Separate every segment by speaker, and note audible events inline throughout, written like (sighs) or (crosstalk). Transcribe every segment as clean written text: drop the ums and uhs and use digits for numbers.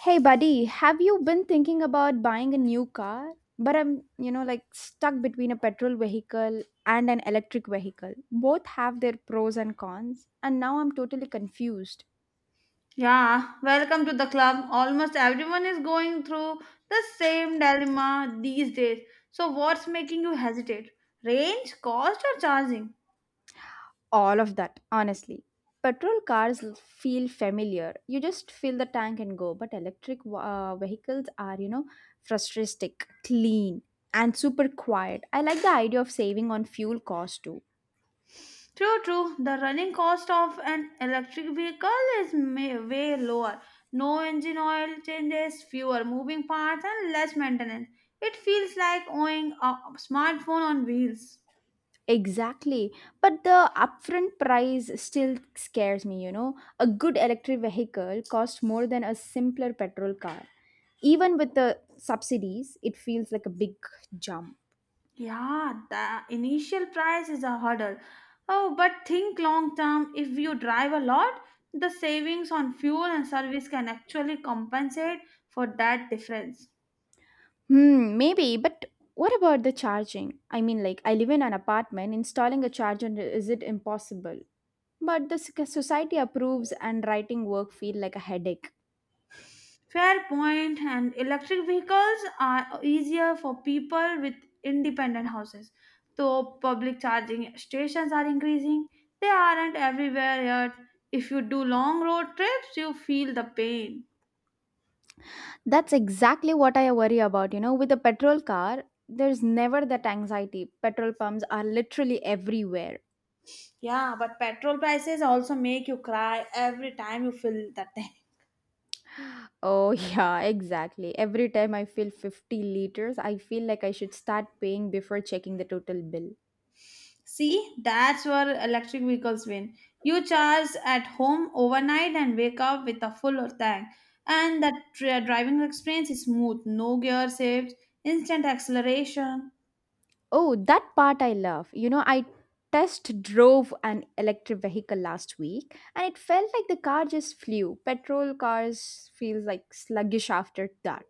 Speaker 1: Hey buddy, have you been thinking about buying a new car? But I'm, you know, like stuck between a petrol vehicle and an electric vehicle. Both have their pros and cons, and now I'm totally confused.
Speaker 2: Yeah, welcome to the club. Almost everyone is going through the same dilemma these days. So, what's making you hesitate? Range, cost, or charging?
Speaker 1: All of that, honestly. Petrol cars feel familiar. You just fill the tank and go. But electric vehicles are, you know, futuristic, clean, and super quiet. I like the idea of saving on fuel cost too.
Speaker 2: True, true. The running cost of an electric vehicle is way lower. No engine oil changes, fewer moving parts, and less maintenance. It feels like owning a smartphone on wheels.
Speaker 1: Exactly. But the upfront price still scares me, you know. A good electric vehicle costs more than a simpler petrol car. Even with the subsidies, it feels like a big jump.
Speaker 2: Yeah, the initial price is a hurdle. Oh, but think long term. If you drive a lot, the savings on fuel and service can actually compensate for that difference.
Speaker 1: Hmm, maybe, but what about the charging? I live in an apartment, installing a charger is it impossible? But the society approves and writing work feel like a headache.
Speaker 2: Fair point, and electric vehicles are easier for people with independent houses. Though public charging stations are increasing, they aren't everywhere yet. If you do long road trips, you feel the pain.
Speaker 1: That's exactly what I worry about. You know, with a petrol car, there's never that anxiety. Petrol pumps are literally everywhere.
Speaker 2: Yeah, but petrol prices also make you cry every time you fill that tank.
Speaker 1: Oh, (laughs) yeah, exactly. Every time I fill 50 liters, I feel like I should start paying before checking the total bill.
Speaker 2: (laughs) See, that's where electric vehicles win. You charge at home overnight and wake up with a full tank. And that driving experience is smooth, no gear shifts, instant acceleration.
Speaker 1: Oh, that part I love. You know, I test drove an electric vehicle last week and it felt like the car just flew. Petrol cars feels like sluggish after that.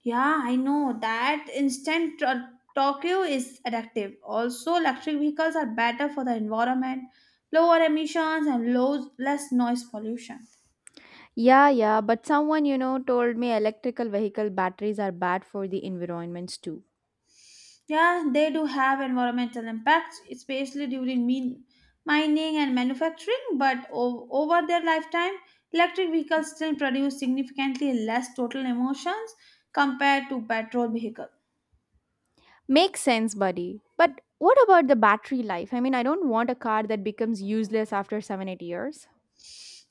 Speaker 2: Yeah, I know that instant Tokyo is addictive. Also, electric vehicles are better for the environment, lower emissions, and low, less noise pollution.
Speaker 1: Yeah, yeah, but someone, you know, told me electrical vehicle batteries are bad for the environments too.
Speaker 2: Yeah, they do have environmental impacts, especially during mining and manufacturing, but over their lifetime, electric vehicles still produce significantly less total emissions compared to petrol vehicles.
Speaker 1: Makes sense, buddy. But what about the battery life? I mean, I don't want a car that becomes useless after 7 8 years.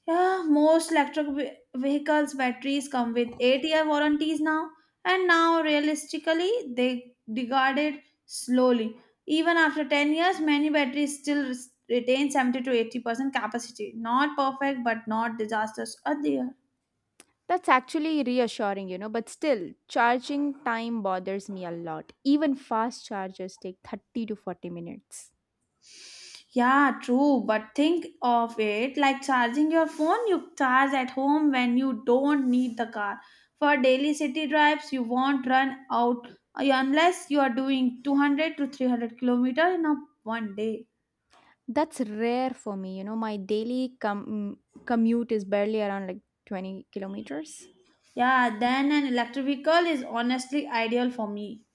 Speaker 2: Yeah, most electric vehicles batteries come with 8-year warranties now, and now realistically they degraded slowly. Even after 10 years, many batteries still retain 70 to 80% capacity. Not perfect, but not disastrous either.
Speaker 1: That's actually reassuring, you know, but still, charging time bothers me a lot. Even fast chargers take 30 to 40 minutes.
Speaker 2: Yeah, true. But think of it like charging your phone. You charge at home when you don't need the car. For daily city drives, you won't run out unless you are doing 200 to 300 kilometer in a one day.
Speaker 1: That's rare for me, you know, my daily commute is barely around like 20 kilometers.
Speaker 2: Yeah, then an electric vehicle is honestly ideal for me.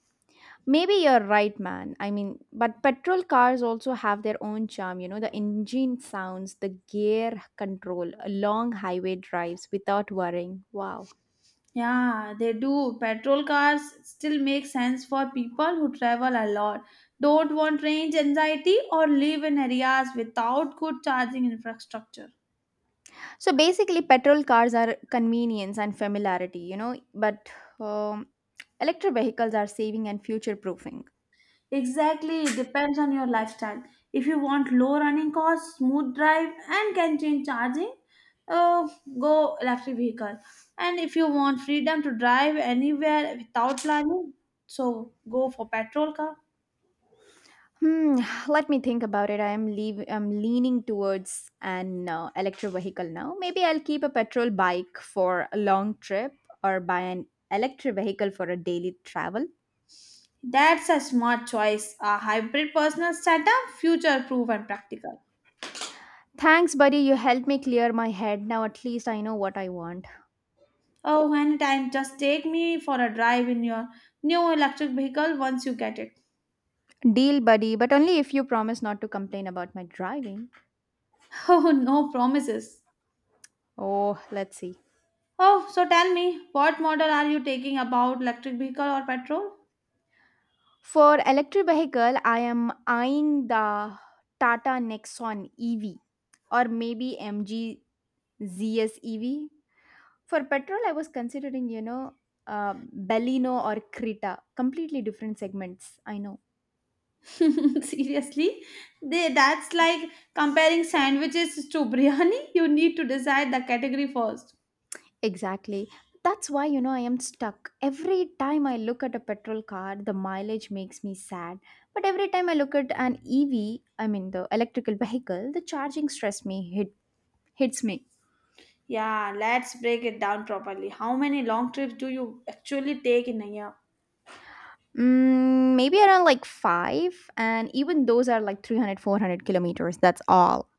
Speaker 1: Maybe you're right, man. I mean, but petrol cars also have their own charm, you know, the engine sounds, the gear control, long highway drives without worrying. Wow.
Speaker 2: Yeah, they do. Petrol cars still make sense for people who travel a lot, don't want range anxiety, or live in areas without good charging infrastructure.
Speaker 1: So basically, petrol cars are convenience and familiarity, you know, but um, electric vehicles are saving and future proofing.
Speaker 2: Exactly, it depends on your lifestyle. If you want low running costs, smooth drive, and can-change charging, uh, go electric vehicle. And if you want freedom to drive anywhere without planning, so go for petrol car.
Speaker 1: Hmm, (sighs) let me think about it. I am leav I'm leaning towards an electric vehicle now. Maybe I'll keep a petrol bike for a long trip or buy an electric vehicle for a daily travel.
Speaker 2: That's a smart choice. A hybrid personal setup, future-proof and practical.
Speaker 1: Thanks, buddy. You helped me clear my head. Now at least I know what I want.
Speaker 2: Oh, anytime, just take me for a drive in your new electric vehicle once you get it.
Speaker 1: Deal, buddy, but only if you promise not to complain about my driving.
Speaker 2: (laughs) Oh, no promises.
Speaker 1: Oh, let's see.
Speaker 2: Oh, so tell me, what model are you taking about electric vehicle or petrol?
Speaker 1: For electric vehicle, I am eyeing the Tata Nexon EV or maybe MG ZS EV. For petrol, I was considering, you know, Bellino or Krita. Completely different segments. I know.
Speaker 2: (laughs) Seriously? They, that's like comparing sandwiches to biryani. (laughs) You need to decide the category first.
Speaker 1: Exactly. That's why, you know, I am stuck. Every time I look at a petrol car, the mileage makes me sad. But every time I look at an EV, I mean the electrical vehicle, the charging stress me hits me.
Speaker 2: Yeah, let's break it down properly. How many long trips do you actually take in a year?
Speaker 1: Mm, maybe around like 5 and even those are like 300, 400 kilometers. That's all.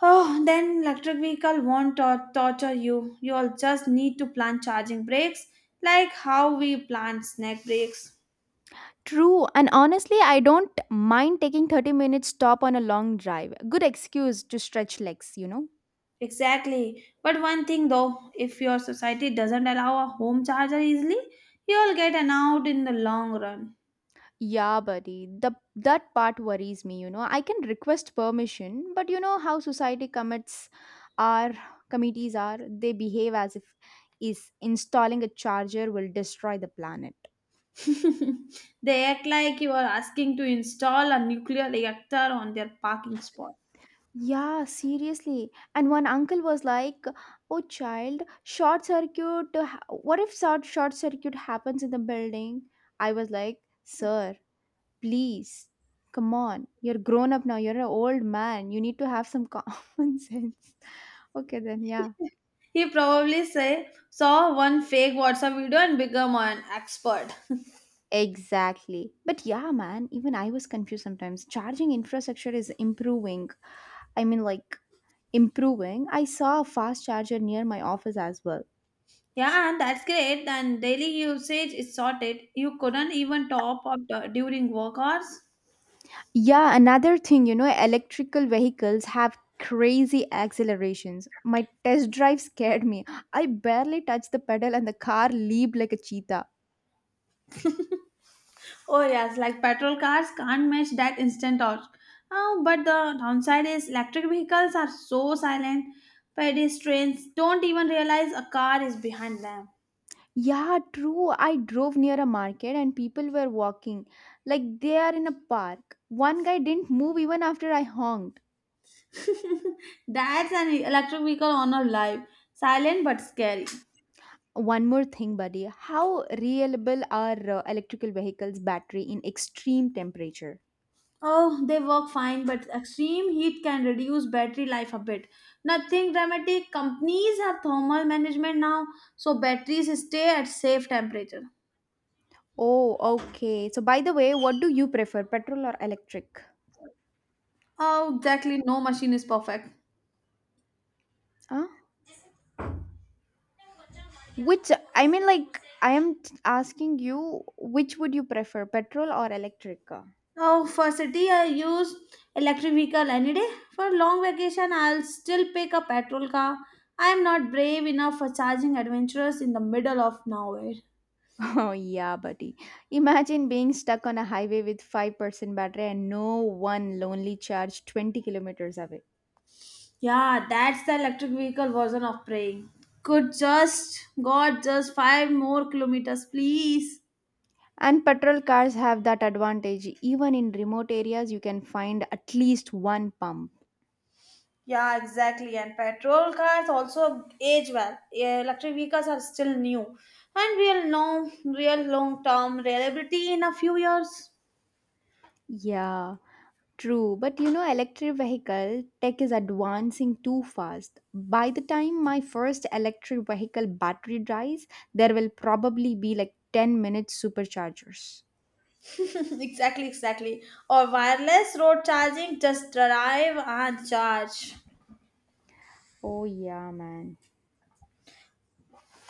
Speaker 2: Oh, then electric vehicle won't torture you. You'll just need to plan charging breaks, like how we plan snack breaks.
Speaker 1: True, and honestly, I don't mind taking 30 minutes stop on a long drive. Good excuse to stretch legs, you know.
Speaker 2: Exactly. But one thing though, if your society doesn't allow a home charger easily, you'll get an out in the long run.
Speaker 1: Yeah, buddy. The That part worries me, you know. I can request permission, but you know how society commits are committees are, they behave as if is installing a charger will destroy the planet.
Speaker 2: (laughs) They act like you are asking to install a nuclear reactor on their parking spot.
Speaker 1: Yeah, seriously. And one uncle was like, "Oh, child, short circuit. What if short circuit happens in the building?" I was like, "Sir, please, come on. You're grown up now. You're an old man. You need to have some (laughs) common sense." Okay, then, yeah.
Speaker 2: (laughs) He probably say saw one fake WhatsApp video and become an expert. (laughs)
Speaker 1: Exactly. But yeah, man, even I was confused sometimes. Charging infrastructure is improving. I mean, like improving. I saw a fast charger near my office as well.
Speaker 2: Yeah, and that's great. And daily usage is sorted. You couldn't even top up during work hours.
Speaker 1: Yeah, another thing, you know, electrical vehicles have crazy accelerations. My test drive scared me. I barely touched the pedal and the car leaped like a cheetah.
Speaker 2: Oh yes, like petrol cars can't match that instant torque. But the downside is electric vehicles are so silent. Pedestrians don't even realize a car is behind them.
Speaker 1: Yeah, true. I drove near a market and people were walking like they are in a park. One guy didn't move even after I honked.
Speaker 2: (laughs) That's an electric vehicle on a life. Silent but scary.
Speaker 1: One more thing, buddy. How reliable are electrical vehicles' battery in extreme temperature?
Speaker 2: Oh, they work fine, but extreme heat can reduce battery life a bit. Nothing dramatic. Companies have thermal management now, so batteries stay at safe temperature.
Speaker 1: Oh, okay. So, by the way, what do you prefer, petrol or electric?
Speaker 2: Oh, exactly. No machine is perfect.
Speaker 1: Huh? Which I am asking you, which would you prefer, petrol or electric car? (laughs)
Speaker 2: Oh, for city, I use electric vehicle any day. For long vacation, I'll still pick a petrol car. I'm not brave enough for charging adventurers in the middle of nowhere.
Speaker 1: Oh yeah, buddy. Imagine being stuck on a highway with 5% battery and no one lonely charge 20 kilometers away.
Speaker 2: Yeah, that's the electric vehicle version of praying. Could just, God, just 5 more kilometers, please.
Speaker 1: And petrol cars have that advantage. Even in remote areas, you can find at least one pump.
Speaker 2: Yeah, exactly. And petrol cars also age well. Yeah, electric vehicles are still new, and we'll know real long-term reliability in a few years.
Speaker 1: Yeah. True, but you know, electric vehicle tech is advancing too fast. By the time my first electric vehicle battery dies, there will probably be like 10-minute superchargers.
Speaker 2: (clears throat) Exactly, exactly. Or wireless road charging, just drive and charge.
Speaker 1: Oh, yeah, man.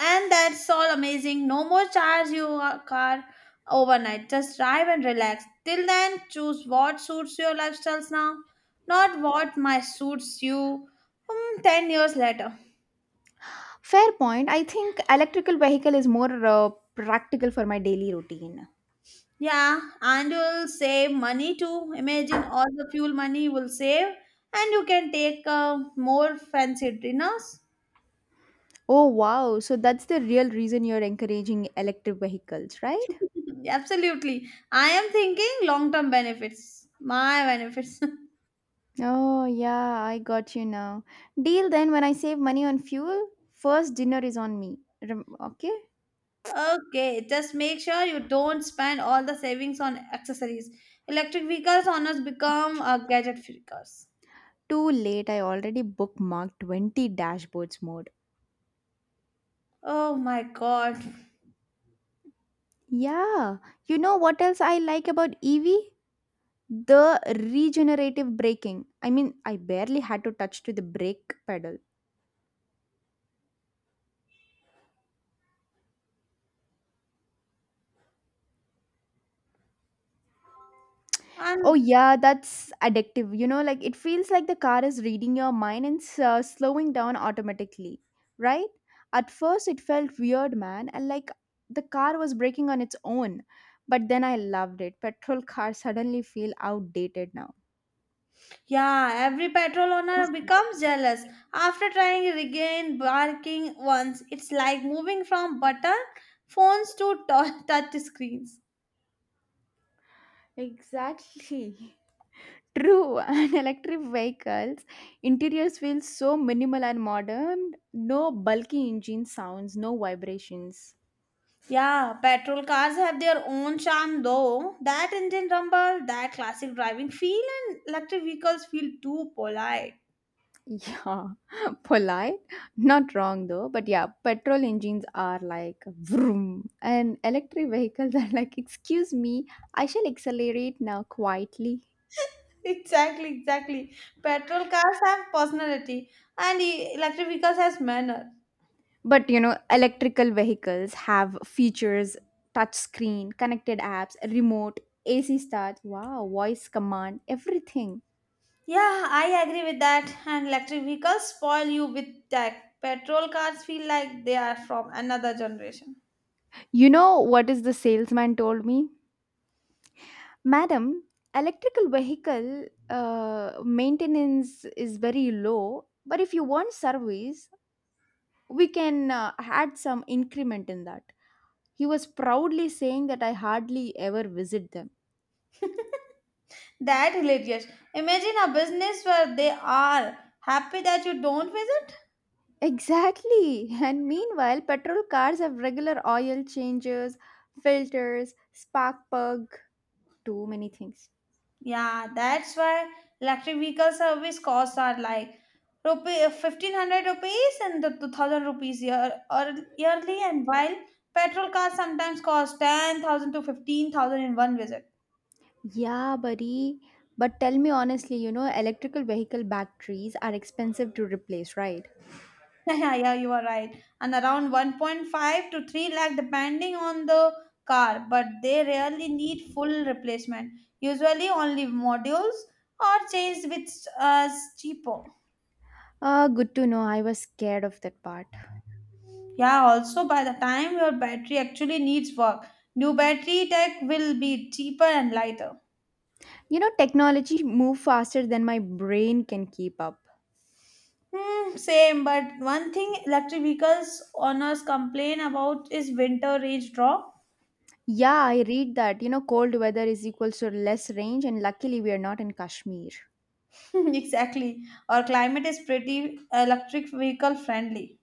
Speaker 2: And that's all amazing. No more charge your car overnight. Just drive and relax. Till then, choose what suits your lifestyles now, not what might suits you 10 years later.
Speaker 1: Fair point. I think electrical vehicle is more practical for my daily routine.
Speaker 2: Yeah, and you'll save money too. Imagine all the fuel money you will save, and you can take more fancy dinners.
Speaker 1: Oh, wow. So that's the real reason you're encouraging electric vehicles, right?
Speaker 2: (laughs) Absolutely. I am thinking long term benefits. My benefits. (laughs)
Speaker 1: Oh, yeah, I got you now. Deal then when I save money on fuel, first dinner is on me. Okay?
Speaker 2: Okay, just make sure you don't spend all the savings on accessories. Electric vehicles honors become a gadget freakers.
Speaker 1: Too late, I already bookmarked 20 dashboards mode.
Speaker 2: Oh my god.
Speaker 1: Yeah, you know what else I like about EV? The regenerative braking. I mean, I barely had to touch to the brake pedal. Oh
Speaker 2: And
Speaker 1: yeah, that's addictive. You know, like it feels like the car is reading your mind and slowing down automatically, right? At first, it felt weird, man, and like the car was braking on its own. But then I loved it. Petrol (laughs) cars suddenly feel outdated now.
Speaker 2: yeah, every petrol owner becomes jealous after trying to regain barking once. It's like moving from button phones to (laughs) touch screens.
Speaker 1: Exactly. (laughs) True. (laughs) And electric vehicles' interiors feel so minimal and modern. No bulky engine sounds, no vibrations.
Speaker 2: Yeah, petrol cars have their own charm though. That engine rumble, that classic driving feel, and electric vehicles feel too polite.
Speaker 1: Yeah, (laughs) polite. Not wrong though. But yeah, petrol engines are like vroom, and electric vehicles are like, excuse me, I shall accelerate now quietly.
Speaker 2: (laughs) Exactly, exactly. Petrol cars have personality, and electric vehicles has manner.
Speaker 1: But you know, electrical vehicles have features, touch screen, connected apps, remote, AC start, wow, voice command, everything.
Speaker 2: Yeah, I agree with that. And electric vehicles spoil you with tech. Petrol cars feel like they are from another generation.
Speaker 1: You know what is the salesman told me? Madam, electrical vehicle maintenance is very low, but if you want service, we can add some increment in that. He was proudly saying that I hardly ever visit them.
Speaker 2: (laughs) That hilarious. Imagine a business where they are happy that you don't visit.
Speaker 1: Exactly. (laughs) And meanwhile, petrol cars have regular oil changes, filters, spark plug, too many things.
Speaker 2: Yeah, that's why electric vehicle service costs are like rupee 1,500 rupees and the 2,000 rupees year or yearly, and while petrol cars sometimes cost 10,000 to 15,000 in one visit.
Speaker 1: Yeah, buddy. But tell me honestly, you know, electrical vehicle batteries are expensive to replace, right?
Speaker 2: (laughs) Yeah, yeah, you are right, and around 1.5 to 3 lakh depending on the car, but they rarely need full replacement. Usually, only modules or changed, which is cheaper.
Speaker 1: Ah, good to know. I was scared of that part.
Speaker 2: Yeah, also by the time your battery actually needs work, new battery tech will be cheaper and lighter.
Speaker 1: You know, technology move faster than my brain can keep up.
Speaker 2: Hmm, same, but one thing electric vehicles owners complain about is winter range drop.
Speaker 1: Yeah, I read that. You know, cold weather is equals to less range, and luckily we are not in Kashmir.
Speaker 2: (laughs) Exactly. Our climate is pretty electric vehicle friendly.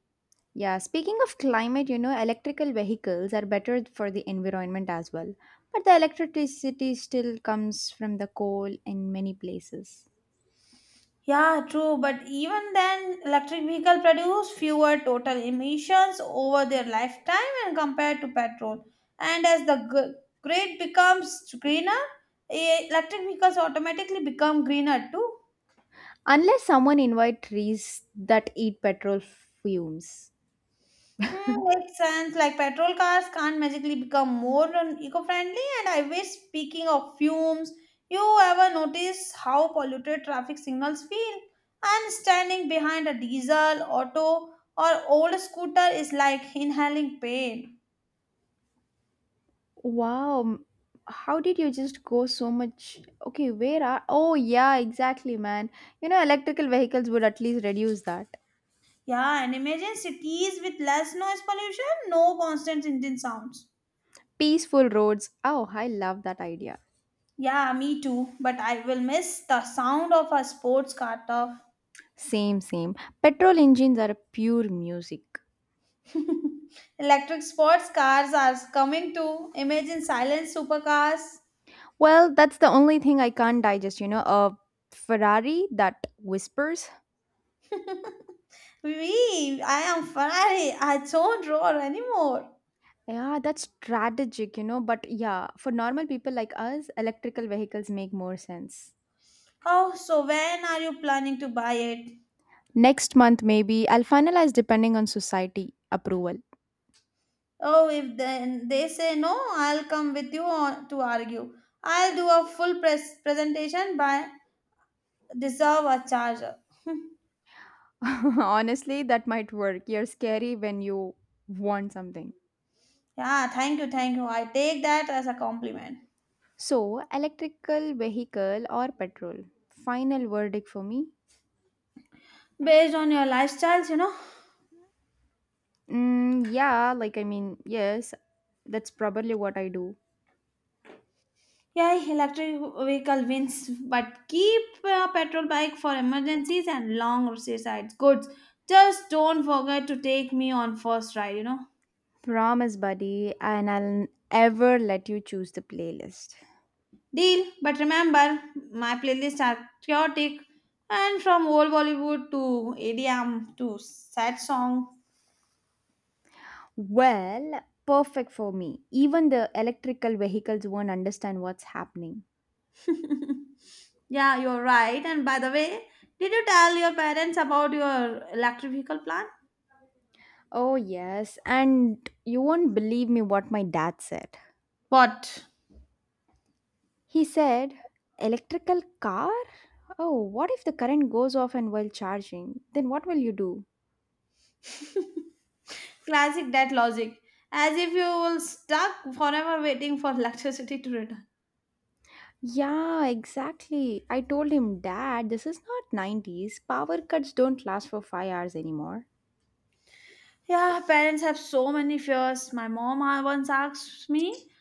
Speaker 1: Yeah, speaking of climate, you know, electrical vehicles are better for the environment as well. But the electricity still comes from the coal in many places.
Speaker 2: Yeah, true, but even then, electric vehicle produce fewer total emissions over their lifetime and compared to petrol. And as the grid becomes greener, electric vehicles automatically become greener too.
Speaker 1: Unless someone invite trees that eat petrol fumes.
Speaker 2: Hmm, makes sense. Like petrol cars can't magically become more eco-friendly. And I wish, speaking of fumes, you ever notice how polluted traffic signals feel? And standing behind a diesel, auto, or old scooter is like inhaling pain.
Speaker 1: Wow, how did you just go so much? Okay, where are? Oh, yeah, exactly, man. You know, electrical vehicles would at least reduce that.
Speaker 2: Yeah, and imagine cities with less noise pollution, no constant engine sounds.
Speaker 1: Peaceful roads. Oh, I love that idea.
Speaker 2: Yeah, me too. But I will miss the sound of a sports car turf.
Speaker 1: Same, same. Petrol engines are pure music.
Speaker 2: Electric sports cars are coming to imagine silent supercars.
Speaker 1: Well, that's the only thing I can't digest, you know, a Ferrari that whispers.
Speaker 2: (laughs) We, I am Ferrari. I don't roar anymore.
Speaker 1: Yeah, that's strategic, you know, but yeah, for normal people like us, electrical vehicles make more sense.
Speaker 2: Oh, so when are you planning to buy it?
Speaker 1: Next month, maybe I'll finalize depending on society approval.
Speaker 2: Oh, if then they say no, I'll come with you on, to argue. I'll do a full presentation by deserve a charger.
Speaker 1: (laughs) Honestly, that might work. You're scary when you want something.
Speaker 2: Yeah, thank you, thank you. I take that as a compliment.
Speaker 1: So, electrical vehicle or petrol? Final verdict for me?
Speaker 2: Based on your lifestyles, you know,
Speaker 1: Mm, yeah, yes, that's probably what I do.
Speaker 2: yeah, electric vehicle wins, but keep a petrol bike for emergencies and long suicides. Goods. Just don't forget to take me on first ride.
Speaker 1: Promise, buddy, and I'll ever let you choose the playlist.
Speaker 2: Deal. But remember, my playlists are chaotic and from old Bollywood to ADM to sad song.
Speaker 1: Well, perfect for me. Even the electrical vehicles won't understand what's happening.
Speaker 2: (laughs) Yeah, you're right. And by the way, did you tell your parents about your electric vehicle plan?
Speaker 1: Oh, yes, and you won't believe me what my dad said.
Speaker 2: What?
Speaker 1: He said, electrical car? Oh, what if the current goes off and while charging? Then what will you do?
Speaker 2: Classic that logic. As if you will stuck forever waiting for electricity to return.
Speaker 1: Yeah, exactly. I told him, Dad, this is not 90s. Power cuts don't last for 5 hours anymore.
Speaker 2: Yeah, parents have so many fears. My mom once asked me,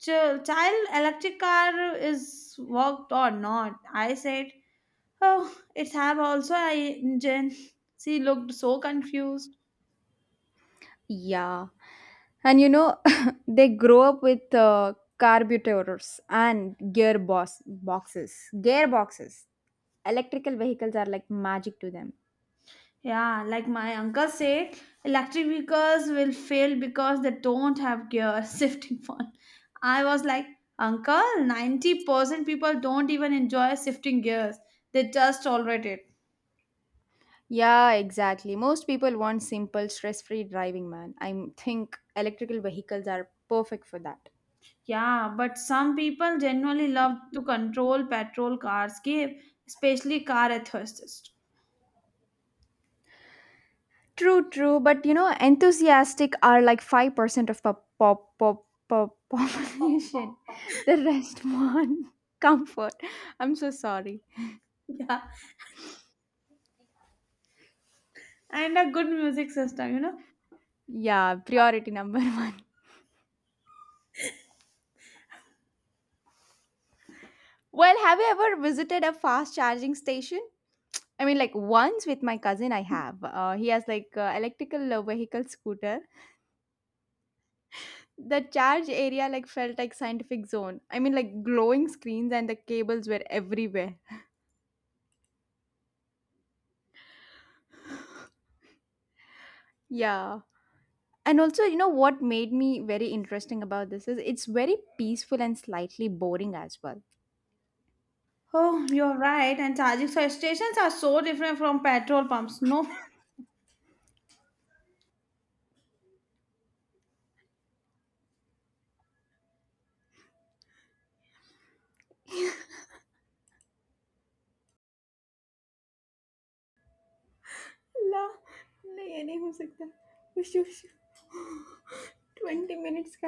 Speaker 2: Child electric car is worked or not? I said, oh, it's have also a engine. (laughs) She looked so confused.
Speaker 1: Yeah. And you know, (laughs) they grow up with carburetors and gearbox boxes. Gearboxes. Electrical vehicles are like magic to them.
Speaker 2: Yeah, like my uncle said, electric vehicles will fail because they don't have gear (laughs) shifting fun. I was like, Uncle, 90% people don't even enjoy shifting gears. They just tolerate it.
Speaker 1: Yeah, exactly. Most people want simple, stress-free driving, man. I think electrical vehicles are perfect for that.
Speaker 2: Yeah, but some people genuinely love to control petrol cars give, especially car enthusiasts.
Speaker 1: True, true. But you know, enthusiastic are like 5% of pop population. (laughs) The rest want (laughs) comfort. I'm so sorry.
Speaker 2: (laughs) Yeah, and a good music system.
Speaker 1: Yeah, priority number (laughs) one. Well, have you ever visited a fast charging station? Once with my cousin, I have. He has like electrical vehicle scooter. The charge area like felt like scientific zone. Glowing screens and the cables were everywhere. Yeah, and also you know what made me very interesting about this is it's very peaceful and slightly boring as well.
Speaker 2: Oh, you're right. And charging stations are so different from petrol pumps. No (laughs)
Speaker 1: ला नहीं ये नहीं हो सकता कुछ twenty minutes का (gasps)